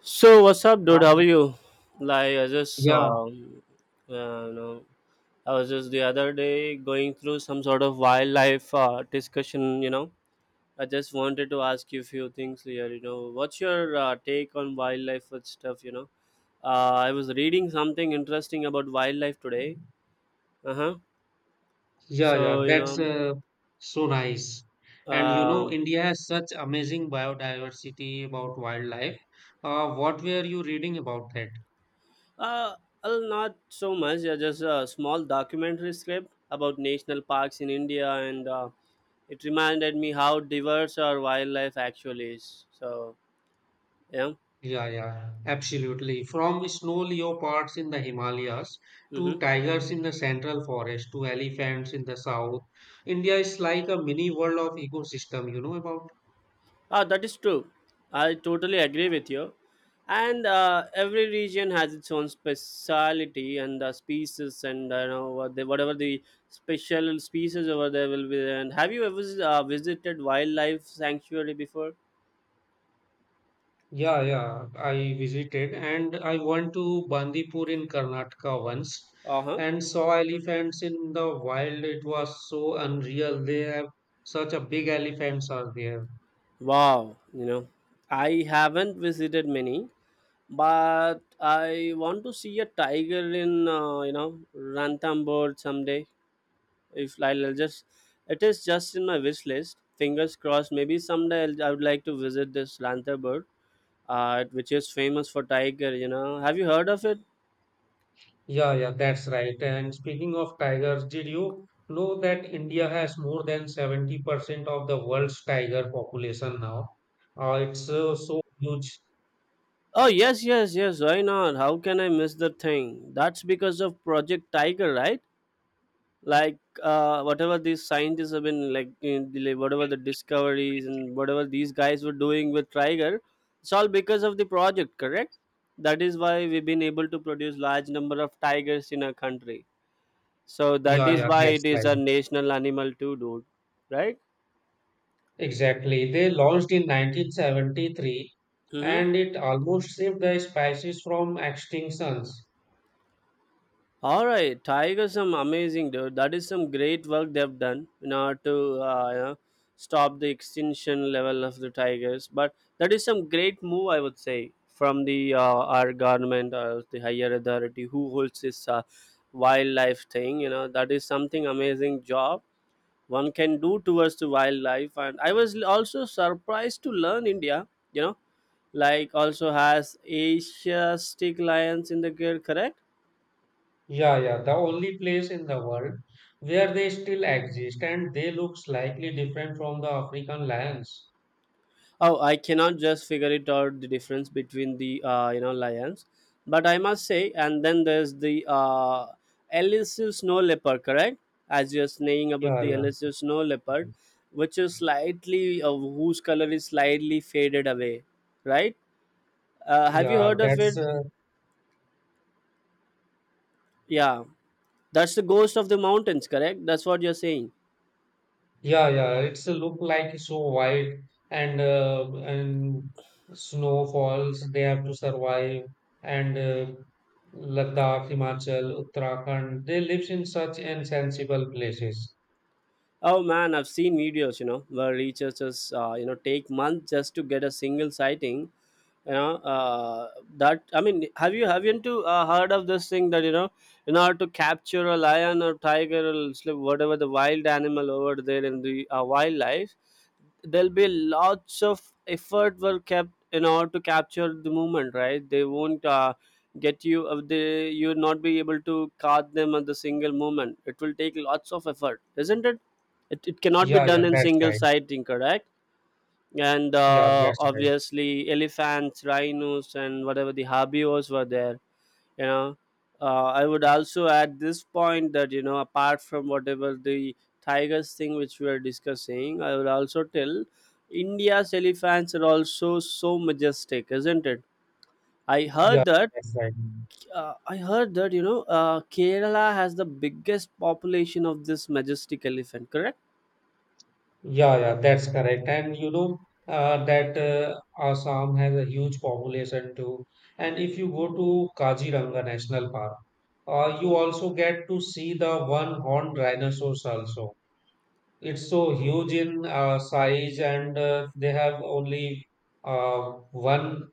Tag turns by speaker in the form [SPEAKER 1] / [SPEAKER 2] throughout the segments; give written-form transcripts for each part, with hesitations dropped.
[SPEAKER 1] So what's up, dude?
[SPEAKER 2] Ah,
[SPEAKER 1] How are you? Like I just
[SPEAKER 2] Yeah,
[SPEAKER 1] um, uh, you know, I was just the other day going through some sort of wildlife discussion. I just wanted to ask you a few things here. What's your take on wildlife and stuff? I was reading something interesting about wildlife today. Uh huh.
[SPEAKER 2] yeah, yeah.
[SPEAKER 1] So you
[SPEAKER 2] That's
[SPEAKER 1] know,
[SPEAKER 2] So nice. And you know,
[SPEAKER 1] um,
[SPEAKER 2] India has such amazing biodiversity about wildlife. What were you reading about that?
[SPEAKER 1] uh, well, not so much. Yeah, just a small documentary script about national parks in India and. It reminded me how diverse our wildlife actually is. So, yeah.
[SPEAKER 2] Yeah, yeah, absolutely. From snow leopards in the Himalayas to
[SPEAKER 1] Mm-hmm.
[SPEAKER 2] tigers in the central forest to elephants in the south, India is like a mini world of ecosystem, you know about?
[SPEAKER 1] Ah, that is true. I totally agree with you. And every region has its own speciality and species, and you know what whatever the special species over there will be there. And have you ever visited wildlife sanctuary before?
[SPEAKER 2] Yeah, yeah, I visited and I went to Bandipur in Karnataka once
[SPEAKER 1] Uh huh.
[SPEAKER 2] and saw elephants in the wild. It was so unreal. They have such a big elephants are there.
[SPEAKER 1] Wow, I haven't visited many, but I want to see a tiger in Ranthambore someday. If I'll just, it is just in my wish list. Fingers crossed. Maybe someday I would like to visit this Ranthambore, which is famous for tiger. Have you heard of it?
[SPEAKER 2] Yeah, yeah, that's right. And speaking of tigers, did you know that India has more than 70% of the world's tiger population now? It's so huge.
[SPEAKER 1] Oh yes, yes, yes. Why not? How can I miss the thing? That's because of Project Tiger, right? Like, whatever these scientists have been like whatever the discoveries and whatever these guys were doing with tiger, it's all because of the project, correct? That is why we've been able to produce large number of tigers in our country, so that
[SPEAKER 2] Yeah,
[SPEAKER 1] is
[SPEAKER 2] yeah,
[SPEAKER 1] why it
[SPEAKER 2] that's right.
[SPEAKER 1] is a national animal too, dude. Right.
[SPEAKER 2] Exactly. They launched in 1973,
[SPEAKER 1] Hmm.
[SPEAKER 2] and it almost saved the species from extinctions.
[SPEAKER 1] All right, tigers some amazing, dude. That is some great work they've done in order to stop the extinction level of the tigers. But that is some great move, I would say, from the our government or the higher authority who holds this wildlife thing. You know that is something amazing job one can do towards the wildlife. And I was also surprised to learn India. You know, like, also has Asiatic lions in the girl, correct?
[SPEAKER 2] Yeah, yeah, the only place in the world where they still exist, and they look slightly different from the African lions.
[SPEAKER 1] Oh, I cannot just figure it out the difference between the lions, but I must say, and then there's the elusive snow leopard, correct? As you're saying about
[SPEAKER 2] Yeah,
[SPEAKER 1] the
[SPEAKER 2] yeah,
[SPEAKER 1] elusive snow leopard, which is slightly whose color is slightly faded away, right? Have you
[SPEAKER 2] yeah,
[SPEAKER 1] heard of
[SPEAKER 2] that's
[SPEAKER 1] it?
[SPEAKER 2] uh,
[SPEAKER 1] Yeah, that's the ghost of the mountains, correct? That's what you're saying.
[SPEAKER 2] Yeah, yeah, it's a look like so white and snow falls. They have to survive and Ladakh, Himachal, Uttarakhand. They live in such insensible places.
[SPEAKER 1] Oh man, I've seen videos, where researchers, take months just to get a single sighting. You know, uh, that, I mean, haven't you heard of this thing that in order to capture a lion or tiger or whatever the wild animal over there in the wildlife, there'll be lots of effort were kept in order to capture the movement. Right, they won't get you. They You'll not be able to caught them at the single moment. It will take lots of effort, isn't it? It cannot be
[SPEAKER 2] Yeah,
[SPEAKER 1] done
[SPEAKER 2] yeah,
[SPEAKER 1] in
[SPEAKER 2] that's
[SPEAKER 1] single
[SPEAKER 2] right.
[SPEAKER 1] sighting, correct? And
[SPEAKER 2] Yeah, that's right.
[SPEAKER 1] obviously elephants rhinos and whatever the herbivores were there, you know. I would also add this point that you know apart from whatever the tigers thing which we are discussing, I would also tell India's elephants are also so majestic, isn't it? I
[SPEAKER 2] Yeah,
[SPEAKER 1] heard that.
[SPEAKER 2] that's right.
[SPEAKER 1] Kerala has the biggest population of this majestic elephant, correct?
[SPEAKER 2] Yeah, yeah, that's correct. And you know that Assam has a huge population too. And if you go to Kaziranga National Park, you also get to see the one-horned rhinoceros also. It's so huge in size, and they have only one.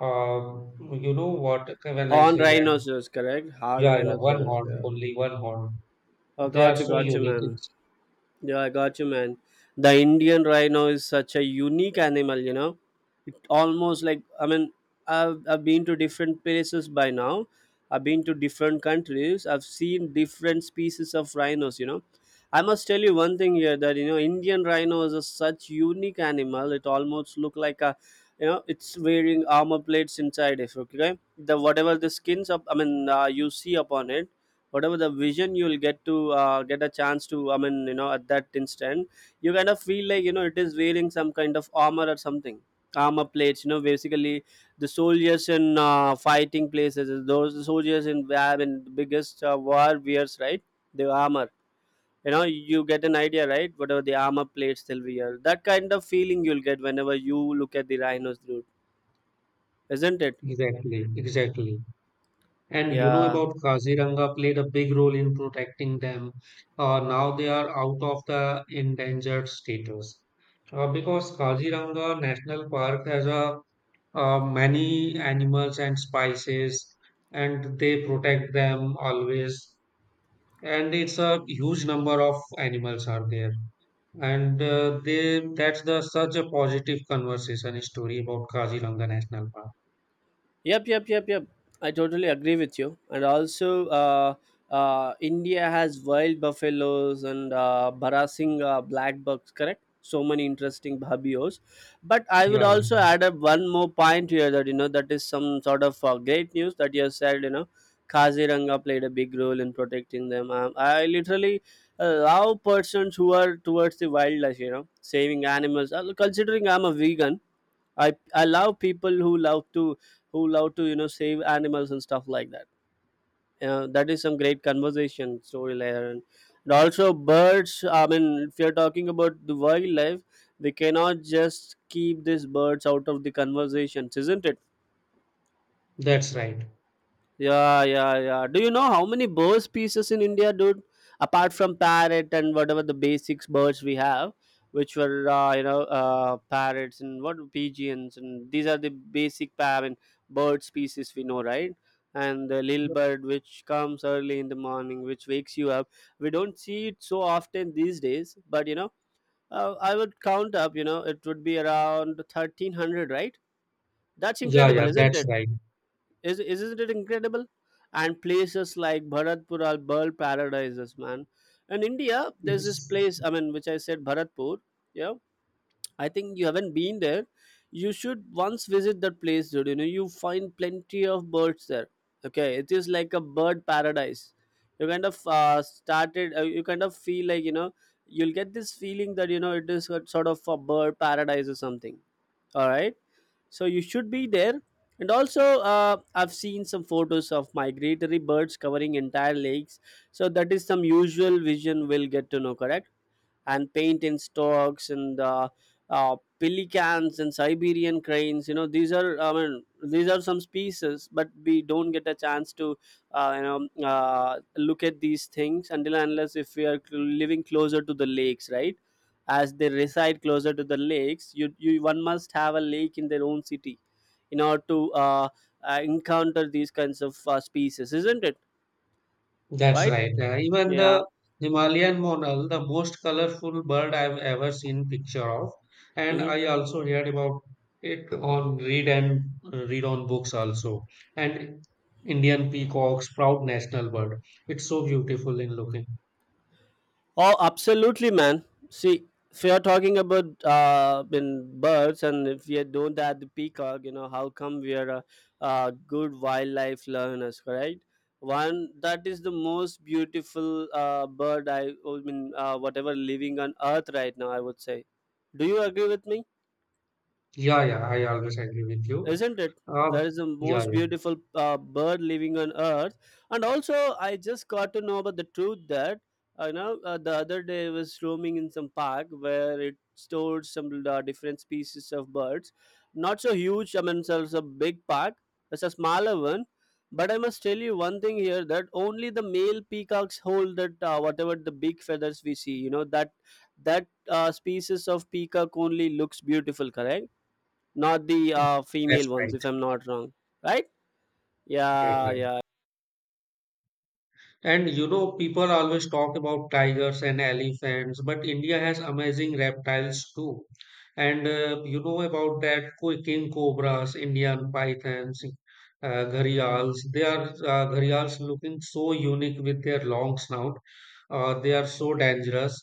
[SPEAKER 2] Uh, you know what? When I
[SPEAKER 1] Horn
[SPEAKER 2] say that,
[SPEAKER 1] rhinoceros, correct. Hard
[SPEAKER 2] yeah, yeah, one
[SPEAKER 1] rhinoceros.
[SPEAKER 2] horn,
[SPEAKER 1] Yeah.
[SPEAKER 2] only one horn.
[SPEAKER 1] Oh,
[SPEAKER 2] They are
[SPEAKER 1] got you,
[SPEAKER 2] so
[SPEAKER 1] got you,
[SPEAKER 2] unique.
[SPEAKER 1] man. Yeah, I got you, man. The Indian rhino is such a unique animal. It almost like, I mean, I've been to different places by now. I've been to different countries. I've seen different species of rhinos. I must tell you one thing here that Indian rhino is a such unique animal. It almost look like a you know it's wearing armor plates inside it. Okay, the whatever the skins up, I mean, you see upon it whatever the vision you'll get to get a chance to, I mean, at that instant you kind of feel like it is wearing some kind of armor or something, armor plates, basically. The soldiers in fighting places, those soldiers in war in the biggest war wears, right? The armor, you know, you get an idea, right? Whatever the armor plates they'll wear, that kind of feeling you'll get whenever you look at the rhinos, dude, isn't it?
[SPEAKER 2] Exactly, exactly. And you know
[SPEAKER 1] Yeah.
[SPEAKER 2] about Kaziranga played a big role in protecting them. Now they are out of the endangered status. Because Kaziranga National Park has a many animals and species, and they protect them always. And it's a huge number of animals are there, and they that's the such a positive conversation story about Kaziranga National Park.
[SPEAKER 1] Yep, yep, yep, yep. I totally agree with you. And also, India has wild buffaloes and barasingh black bucks, correct? So many interesting habios. But I would
[SPEAKER 2] Yeah,
[SPEAKER 1] also add up one more point here that is some sort of great news that you said, Kaziranga played a big role in protecting them. I literally love persons who are towards the wildlife, you know, saving animals. Considering I'm a vegan, I love people who love to save animals and stuff like that. That is some great conversation story layer, and also birds. I mean, if you're talking about the wildlife, we cannot just keep these birds out of the conversations, isn't it?
[SPEAKER 2] that's right.
[SPEAKER 1] Yeah, yeah, yeah. Do you know how many bird species in India, dude? Apart from parrot and whatever the basics birds we have, which were parrots and what pigeons and these are the basic I mean, bird species we know, right? And the little bird which comes early in the morning, which wakes you up. We don't see it so often these days, but I would count up. It would be around 1,300, right? That's
[SPEAKER 2] Yeah, yeah,
[SPEAKER 1] incredible, isn't
[SPEAKER 2] that's
[SPEAKER 1] it?
[SPEAKER 2] right.
[SPEAKER 1] Is isn't it incredible? And places like Bharatpur are bird paradises, man. In India, there's this
[SPEAKER 2] It's
[SPEAKER 1] place. I mean, which I said Bharatpur. Yeah, I think you haven't been there. You should once visit that place, dude. You find plenty of birds there. Okay, it is like a bird paradise. You kind of started. You kind of feel like you know. You'll get this feeling that it is a sort of a bird paradise or something. All right, so you should be there, and also I've seen some photos of migratory birds covering entire lakes, so that is some usual vision we'll get to know, correct? And paint in storks and pelicans and Siberian cranes. These are I mean these are some species, but we don't get a chance to look at these things until and unless if we are living closer to the lakes, right? As they reside closer to the lakes, you one must have a lake in their own city in order to encounter these kinds of species, isn't it?
[SPEAKER 2] That's
[SPEAKER 1] Right?
[SPEAKER 2] right. Even
[SPEAKER 1] Yeah.
[SPEAKER 2] the Himalayan monal, the most colorful bird I've ever seen picture of, and
[SPEAKER 1] Hmm.
[SPEAKER 2] I also heard about it on read and read on books also. And Indian peacocks, proud national bird. It's so beautiful in looking.
[SPEAKER 1] Oh, absolutely, man. See, if you're talking about in birds, and if we don't add the peacock, how come we are good wildlife learners, correct? One that is the most beautiful bird I mean, whatever living on earth right now, I would say. Do you agree with me?
[SPEAKER 2] Yeah, yeah, I always agree with you.
[SPEAKER 1] Isn't it?
[SPEAKER 2] Uh,
[SPEAKER 1] That is the
[SPEAKER 2] yeah,
[SPEAKER 1] most
[SPEAKER 2] yeah,
[SPEAKER 1] beautiful bird living on earth. And also, I just got to know about the truth that the other day I was roaming in some park where it stored some different species of birds. Not so huge, I mean, so it's a big park. It's a smaller one. But I must tell you one thing here that only the male peacocks hold that whatever the big feathers we see, you know that species of peacock only looks beautiful, correct? Not the female
[SPEAKER 2] that's
[SPEAKER 1] ones,
[SPEAKER 2] right,
[SPEAKER 1] if I'm not wrong. Right.
[SPEAKER 2] right,
[SPEAKER 1] Yeah,
[SPEAKER 2] right.
[SPEAKER 1] yeah.
[SPEAKER 2] And you know, people always talk about tigers and elephants, but India has amazing reptiles too. And you know about king cobras, Indian pythons, gharials. They are gharials looking so unique with their long snout. They are so dangerous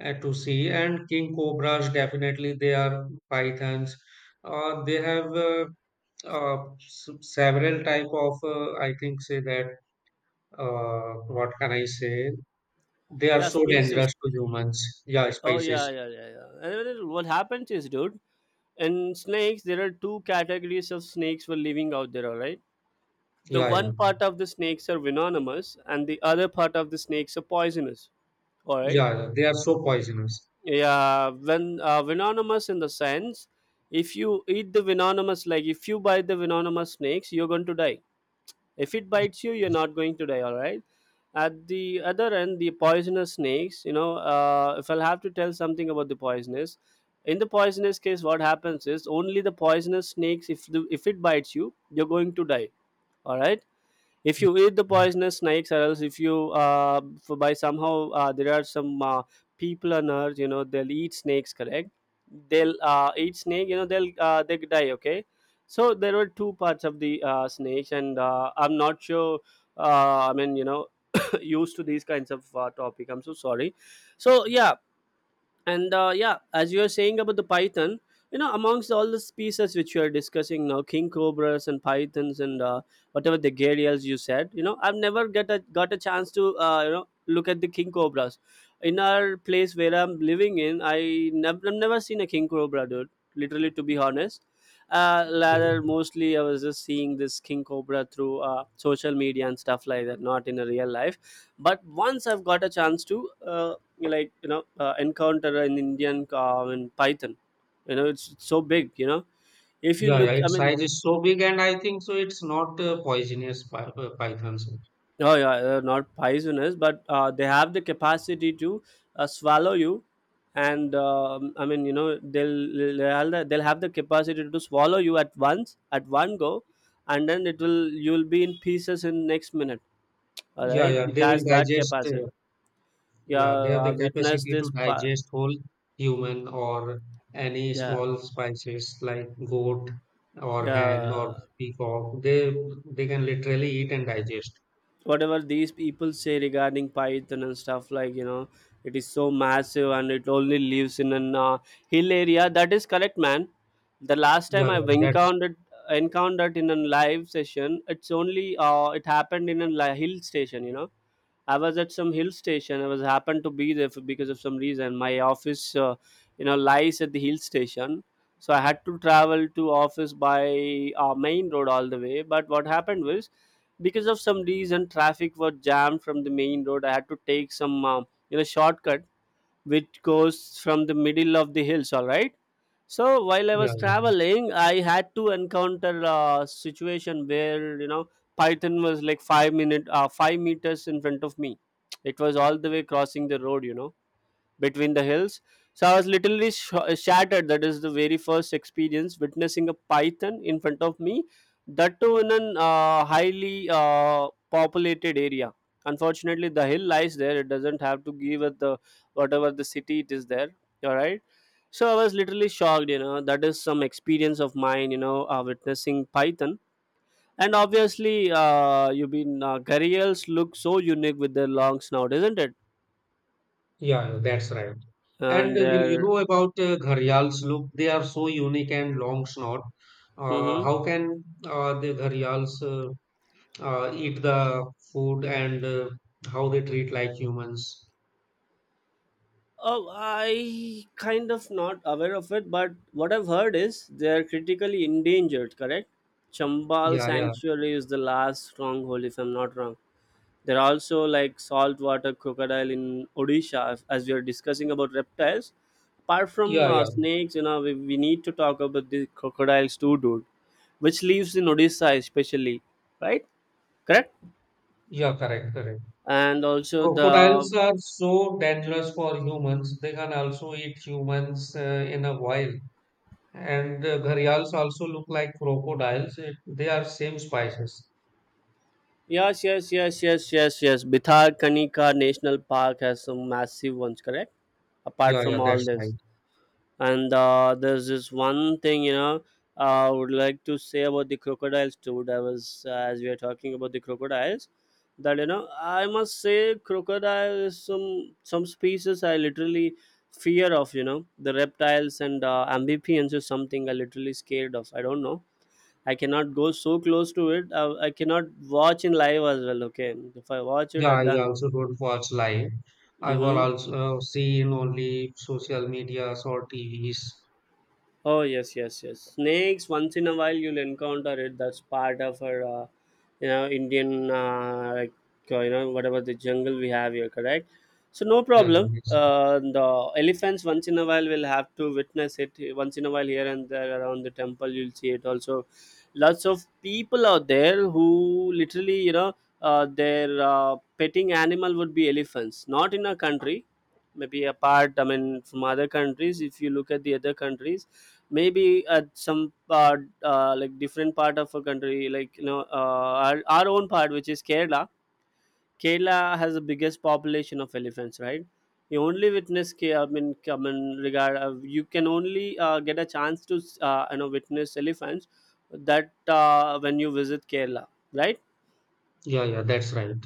[SPEAKER 2] to see. And king cobras, definitely, they are pythons. They have several type of, I think, say that what can I say? They are
[SPEAKER 1] Yeah,
[SPEAKER 2] so
[SPEAKER 1] species.
[SPEAKER 2] dangerous to humans. Yeah,
[SPEAKER 1] Oh, yeah,
[SPEAKER 2] spices.
[SPEAKER 1] yeah, yeah, yeah. And then what happens is, dude, in snakes there are two categories of snakes for living out there, all right? The
[SPEAKER 2] Yeah, yeah,
[SPEAKER 1] one part of the snakes are venomous, and the other part of the snakes are poisonous, all right?
[SPEAKER 2] yeah, yeah. They are so poisonous.
[SPEAKER 1] Yeah. When venomous, in the sense, if you eat the venomous, like if you buy the venomous snakes, you're going to die. If it
[SPEAKER 2] Yeah,
[SPEAKER 1] bites you, you're not going to die, all right? At the other end, the poisonous snakes, you know, if I'll have to tell something about the poisonous, in the poisonous case, what happens is only the poisonous snakes, if it bites you, you're going to die, all right. If
[SPEAKER 2] yeah.
[SPEAKER 1] you eat the poisonous snakes, or else if you, for, by somehow, there are some, people on earth, you know, they'll eat snakes, correct? They'll eat snake, you know, they'll, they die, okay? So there were two parts of the snakes, and I'm not sure. I mean, you know, used to these kinds of topic, I'm so sorry. So yeah. And yeah, as you were saying about the python, you know, amongst all the species which you are discussing now, king cobras and pythons and, whatever the gharials you said, you know, I've never get a got a chance to, you know, look at the king cobras. In our place where I'm living in, I've never seen a king cobra, dude. Literally, to be honest,
[SPEAKER 2] Okay.
[SPEAKER 1] rather, mostly I was just seeing this king cobra through social media and stuff like that, not in a real life. But once I've got a chance to. You, like, you know, encounter an Indian cow and python. You know, it's so big. You know, if you
[SPEAKER 2] Yeah, yeah.
[SPEAKER 1] look, I
[SPEAKER 2] Its
[SPEAKER 1] mean,
[SPEAKER 2] size is so big, and I think so. It's not pythons.
[SPEAKER 1] oh yeah, not poisonous, but they have the capacity to swallow you, and I mean, you know, they'll they'll have the capacity to swallow you at once, at one go, and then it will you'll be in pieces in next minute. All
[SPEAKER 2] Yeah,
[SPEAKER 1] right,
[SPEAKER 2] yeah.
[SPEAKER 1] it
[SPEAKER 2] They will
[SPEAKER 1] has that
[SPEAKER 2] digest.
[SPEAKER 1] capacity. Yeah,
[SPEAKER 2] Yeah, they have
[SPEAKER 1] I
[SPEAKER 2] the
[SPEAKER 1] witnessed
[SPEAKER 2] capacity to
[SPEAKER 1] this.
[SPEAKER 2] digest whole human or any
[SPEAKER 1] Yeah,
[SPEAKER 2] small spices like goat or hen or
[SPEAKER 1] yeah.
[SPEAKER 2] peacock. They can literally eat and digest.
[SPEAKER 1] Whatever these people say regarding python and stuff, like, you know, it is so massive, and it only lives in an hill area. That is correct, man. The last
[SPEAKER 2] Yeah,
[SPEAKER 1] time I
[SPEAKER 2] yeah. That's
[SPEAKER 1] encountered in a live session, it's only, it happened in a hill station, you know. I was at some hill station. I was happened to be there for, because of some reason. My office, you know, lies at the hill station, so I had to travel to office by main road all the way. But what happened was, because of some reason, traffic was jammed from the main road. I had to take some, you know, shortcut which goes from the middle of the hills, all right? So while I
[SPEAKER 2] Yeah,
[SPEAKER 1] was
[SPEAKER 2] yeah,
[SPEAKER 1] traveling, I had to encounter a situation where, you know, python was like 5 meters in front of me. It was all the way crossing the road, you know, between the hills. So I was literally shattered. That is the very first experience witnessing a python in front of me, that too in an highly populated area. Unfortunately, the hill lies there, it doesn't have to give it the, whatever the city it is there. All right. So I was literally shocked. You know, that is some experience of mine. You know, witnessing python. And obviously, you've been gharials look so unique with their long snout, isn't it?
[SPEAKER 2] yeah, yeah, that's right. And
[SPEAKER 1] And
[SPEAKER 2] will you
[SPEAKER 1] their.
[SPEAKER 2] know about gharials? Look, they are so unique and long snout. Uh,
[SPEAKER 1] Mm-hmm.
[SPEAKER 2] how can uh, the gharials eat the food and how they treat like humans?
[SPEAKER 1] Oh, I kind of not aware of it, but what I've heard is they're critically endangered, correct? Chambal
[SPEAKER 2] Yeah, yeah,
[SPEAKER 1] Sanctuary is the last stronghold, if I'm not wrong. There are also like saltwater crocodile in Odisha, as we are discussing about reptiles. Apart from
[SPEAKER 2] yeah, yeah,
[SPEAKER 1] snakes, you know, we need to talk about the crocodiles too, dude, which lives in Odisha especially, right? Correct?
[SPEAKER 2] yeah, correct, correct.
[SPEAKER 1] And also the.
[SPEAKER 2] Crocodiles are so dangerous for humans. They can also eat humans in a while. And gharials also look like crocodiles. They are same species.
[SPEAKER 1] Yes, yes, yes, yes, yes, yes. Bithar Kanika National Park has some massive ones, correct? Apart
[SPEAKER 2] Yeah, yeah,
[SPEAKER 1] from all
[SPEAKER 2] that's right.
[SPEAKER 1] this, and there's this one thing, you know, I would like to say about the crocodiles too. That was, as we are talking about the crocodiles, that, you know, I must say, crocodile is some species I literally fear of. You know, the reptiles and amphibians is something I literally scared of. I don't know, I cannot go so close to it. I cannot watch in live as well. Okay, if I watch it,
[SPEAKER 2] Yeah, I
[SPEAKER 1] I'm
[SPEAKER 2] also don't watch live. I will
[SPEAKER 1] done.
[SPEAKER 2] also see in only social medias or T V's.
[SPEAKER 1] Oh yes, yes, yes. Snakes. Once in a while, you'll encounter it. That's part of our, you know, Indian, like, you know, whatever the jungle we have here. Correct. So no
[SPEAKER 2] Yeah, yeah,
[SPEAKER 1] problem.
[SPEAKER 2] that's,
[SPEAKER 1] The elephants. Once in a while, will have to witness it. Once in a while, here and there around the temple, you'll see it. Also, lots of people out there who literally, you know, their petting animal would be elephants. Not in our country, maybe apart, I mean, from other countries. If you look at the other countries, maybe at some part, like, different part of a country, like, you know, our own part, which is Kerala. Kerala has the biggest population of elephants, right? You only witness I mean, regard you can only get a chance to, you know, witness elephants, that, when you visit Kerala, right?
[SPEAKER 2] yeah, yeah, that's right.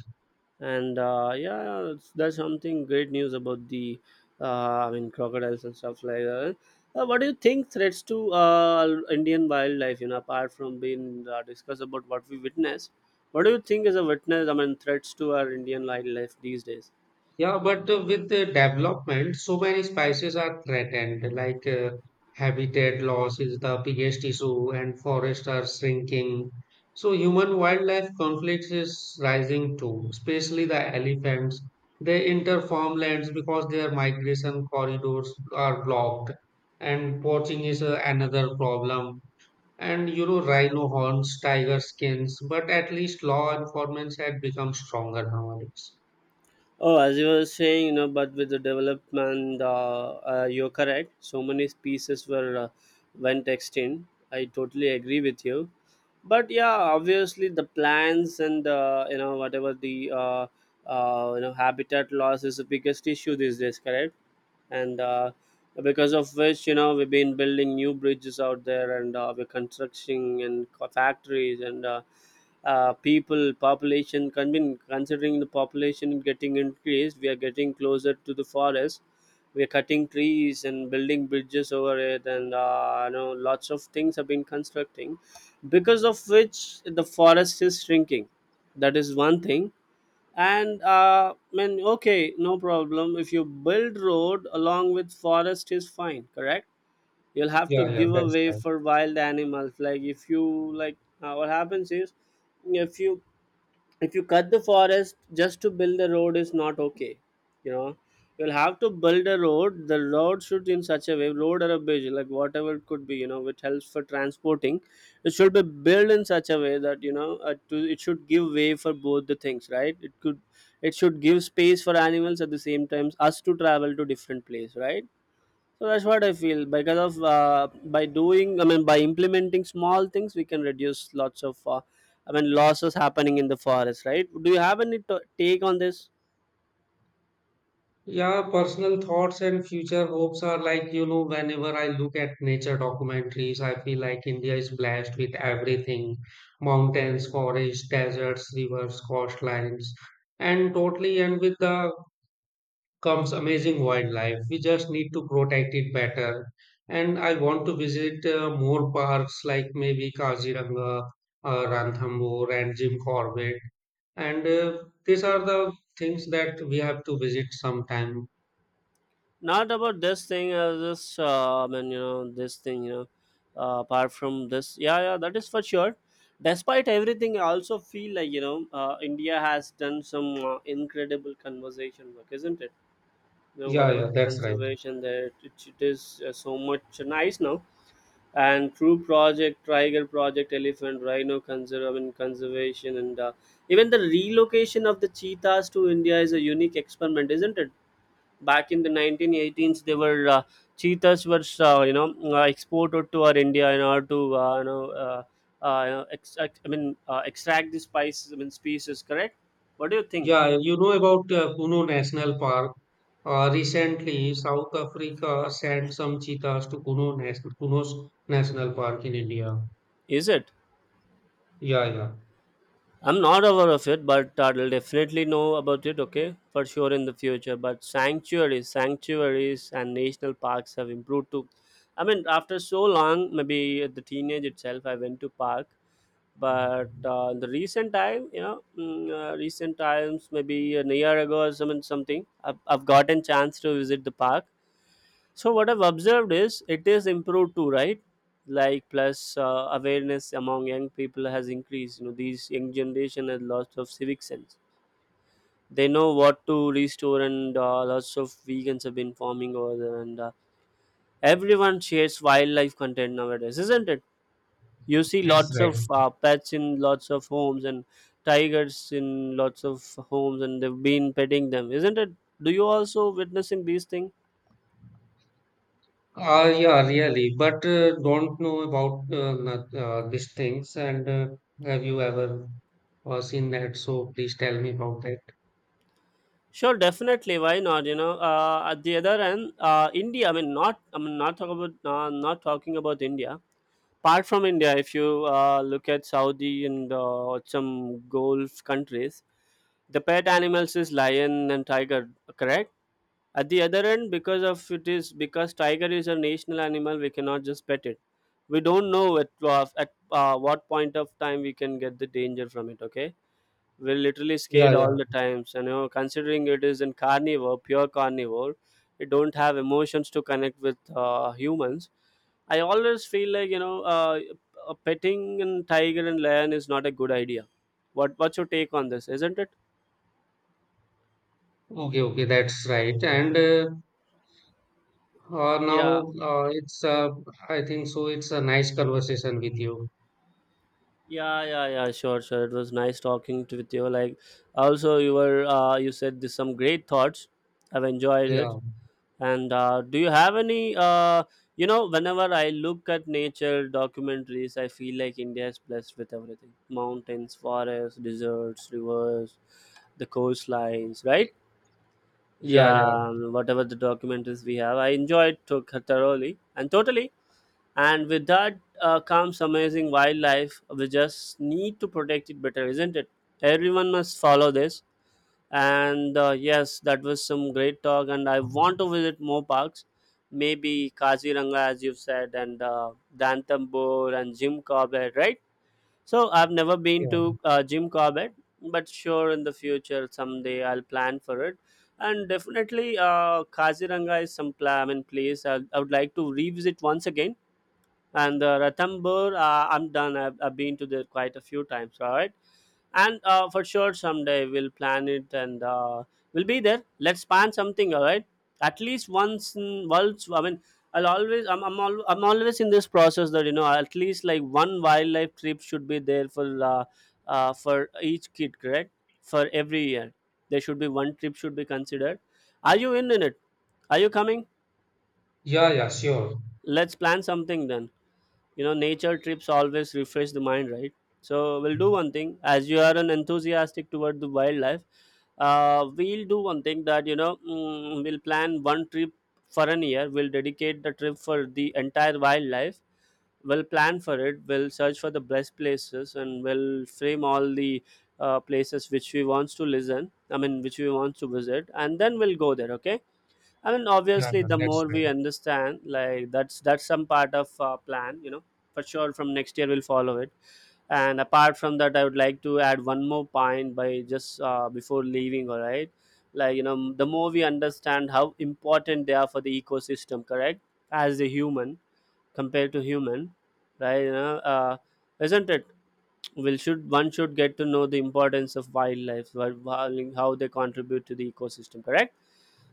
[SPEAKER 1] And yeah, that's something great news about the I mean, crocodiles and stuff like that. What do you think threats to Indian wildlife, you know, apart from being discussed about what we witness? What do you think is a witness, I mean, threats to our Indian wildlife these days?
[SPEAKER 2] Yeah, but with the development, so many species are threatened, like habitat loss is the biggest issue, and forests are shrinking. So human-wildlife conflicts is rising too, especially the elephants. They enter farmlands because their migration corridors are blocked, and poaching is another problem. And you know, rhino horns, tiger skins, but at least law enforcement had become stronger nowadays.
[SPEAKER 1] Oh, as you were saying, you know, but with the development, you're correct. So many pieces were, went extinct. I totally agree with you. But yeah, obviously the plants and you know, whatever the you know, habitat loss is the biggest issue these days. Correct. And because of which, you know, we've been building new bridges out there, and we're constructing and factories, and people, population, been considering the population getting increased, we are getting closer to the forest. We're cutting trees and building bridges over it, and you know, lots of things have been constructing, because of which the forest is shrinking. That is one thing. And I mean, okay, no problem, if you build road along with forest is fine, correct? You'll have to
[SPEAKER 2] Yeah, yeah,
[SPEAKER 1] give
[SPEAKER 2] that's
[SPEAKER 1] away
[SPEAKER 2] right.
[SPEAKER 1] for wild animals, like, if you, like, what happens is, if you, cut the forest just to build a road is not okay, you know. You'll have to build a road, the road should, in such a way, road or a bridge, like, whatever it could be, you know, which helps for transporting. It should be built in such a way that, you know, it should give way for both the things, right? It could, it should give space for animals, at the same time us to travel to different place, right? So that's what I feel, because of, by doing, I mean, by implementing small things, we can reduce lots of, I mean, losses happening in the forest, right? Do you have any take on this?
[SPEAKER 2] Yeah, personal thoughts and future hopes are like, you know, whenever I look at nature documentaries, I feel like India is blessed with everything mountains, forests, deserts, rivers, coastlines, and totally, and with the comes amazing wildlife. We just need to protect it better. And I want to visit more parks like maybe Kaziranga, Ranthambore, and Jim Corbett. And these are the things that we have to visit sometime.
[SPEAKER 1] Not about this thing, this, I mean, you know, this thing, you know, apart from this, yeah, yeah, that is for sure. Despite everything, I also feel like, you know, India has done some incredible conservation work, isn't it? You know,
[SPEAKER 2] Yeah,
[SPEAKER 1] whatever
[SPEAKER 2] yeah,
[SPEAKER 1] the
[SPEAKER 2] that's right.
[SPEAKER 1] conservation there, it is so much nice now, and crew Project Tiger, Project Elephant, Rhino I mean, conservation, and even the relocation of the cheetahs to India is a unique experiment, isn't it? Back in the 1918s, they were, cheetahs were, you know, exported to our India, in order to, you know, you know, I mean, extract the spices, I mean, species, correct? What do you think?
[SPEAKER 2] Yeah, you know about Kuno National Park. Recently, South Africa sent some cheetahs to Kuno's National Park in India.
[SPEAKER 1] Is it?
[SPEAKER 2] Yeah, yeah,
[SPEAKER 1] I'm not aware of it, but I'll definitely know about it, okay, for sure in the future. But sanctuaries, and national parks have improved too. I mean, after so long, maybe at the teenage itself, I went to park, but in the recent time, you know, recent times, maybe a year ago or something, I've gotten chance to visit the park, so what I've observed is it is improved too, right? Like plus, awareness among young people has increased. You know, these young generation has lots of civic sense. They know what to restore, and lots of vegans have been farming over there, and everyone shares wildlife content nowadays, isn't it? You see
[SPEAKER 2] that's
[SPEAKER 1] lots
[SPEAKER 2] right.
[SPEAKER 1] of pets in lots of homes and tigers in lots of homes, and they've been petting them, isn't it? Do you also witnessing these things?
[SPEAKER 2] Yeah, really. But don't know about these things. And have you ever seen that? So please tell me about that.
[SPEAKER 1] Sure, definitely. Why not? You know, at the other end, India. I mean, not. I mean, not talk about. Not talking about India. Apart from India, if you look at Saudi and some Gulf countries, the pet animals is lion and tiger. Correct. At the other end, because of it is because tiger is a national animal, we cannot just pet it. We don't know at what point of time we can get the danger from it. Okay, we're literally
[SPEAKER 2] Yeah,
[SPEAKER 1] scared all
[SPEAKER 2] yeah.
[SPEAKER 1] the times, and considering it is in carnivore, pure carnivore, it don't have emotions to connect with humans. I always feel like petting and tiger and lion is not a good idea. What's your take on this, isn't it?
[SPEAKER 2] Okay, okay, that's right. And
[SPEAKER 1] yeah
[SPEAKER 2] now it's I think so. It's a nice conversation with you.
[SPEAKER 1] yeah yeah yeah sure, sure, it was nice talking to, with you, like also you were you said this, some great thoughts, I've enjoyed it.
[SPEAKER 2] Yeah,
[SPEAKER 1] And do you have any, whenever I look at nature documentaries, I feel like India is blessed with everything: mountains, forests, deserts, rivers, the coastlines, right?
[SPEAKER 2] yeah, yeah,
[SPEAKER 1] Yeah, whatever the documentaries we have, I enjoyed took thoroughly and totally. And with that comes amazing wildlife. We just need to protect it better, isn't it? Everyone must follow this, and yes, that was some great talk, and I want to visit more parks, maybe Kaziranga, as you've said, and Dantambur and Jim Corbett, right? So I've never been
[SPEAKER 2] yeah,
[SPEAKER 1] to Jim Corbett, but sure, in the future, someday I'll plan for it. And definitely, Kaziranga is some plan, I place I would like to revisit once again. And the Ranthambore, I'm done. I've been to there quite a few times, all right. And for sure, someday we'll plan it, and we'll be there. Let's plan something, all right? At least once, in, once. I mean, I'll always. I'm always in this process that you know, at least like one wildlife trip should be there for each kid, correct? For every year, there should be one trip should be considered. Are you in it? Are you coming?
[SPEAKER 2] yeah, yeah. Sure.
[SPEAKER 1] Let's plan something, then. You know, nature trips always refresh the mind, right? So we'll
[SPEAKER 2] Yeah,
[SPEAKER 1] do one thing, as you are an enthusiastic toward the wildlife. Uh, we'll do one thing that you know, we'll plan one trip. For an year, we'll dedicate the trip for the entire wildlife. We'll plan for it, we'll search for the best places, and we'll frame all the places which we wants to listen, I mean which we want to visit, and then we'll go there, okay. I mean,
[SPEAKER 2] yeah,
[SPEAKER 1] obviously, the
[SPEAKER 2] that's
[SPEAKER 1] more
[SPEAKER 2] right.
[SPEAKER 1] we understand, like that's some part of our plan, you know, for sure. From next year, we'll follow it. And apart from that, I would like to add one more point by just before leaving. All right, like you know, the more we understand how important they are for the ecosystem, correct? As a human, compared to human, right? Isn't it? Will should one should get to know the importance of wildlife, how they contribute to the ecosystem, correct?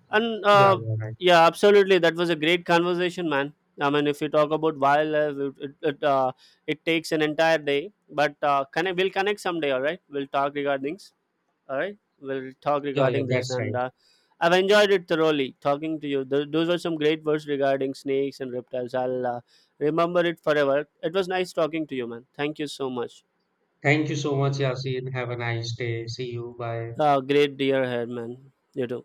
[SPEAKER 1] And
[SPEAKER 2] Yeah, yeah, right.
[SPEAKER 1] yeah, absolutely. That was a great conversation, man. I mean, if you talk about wildlife, it takes an entire day. But connect, we'll connect someday. All right, we'll talk regarding things. All right, we'll talk
[SPEAKER 2] Yeah, yeah,
[SPEAKER 1] regarding this,
[SPEAKER 2] that's right.
[SPEAKER 1] and I've enjoyed it thoroughly talking to you. Those were some great words regarding snakes and reptiles. I'll remember it forever. It was nice talking to you, man. Thank you so much.
[SPEAKER 2] Thank you so much, Yasin. Have a nice day. See you. Bye.
[SPEAKER 1] Great dear head, man. You too.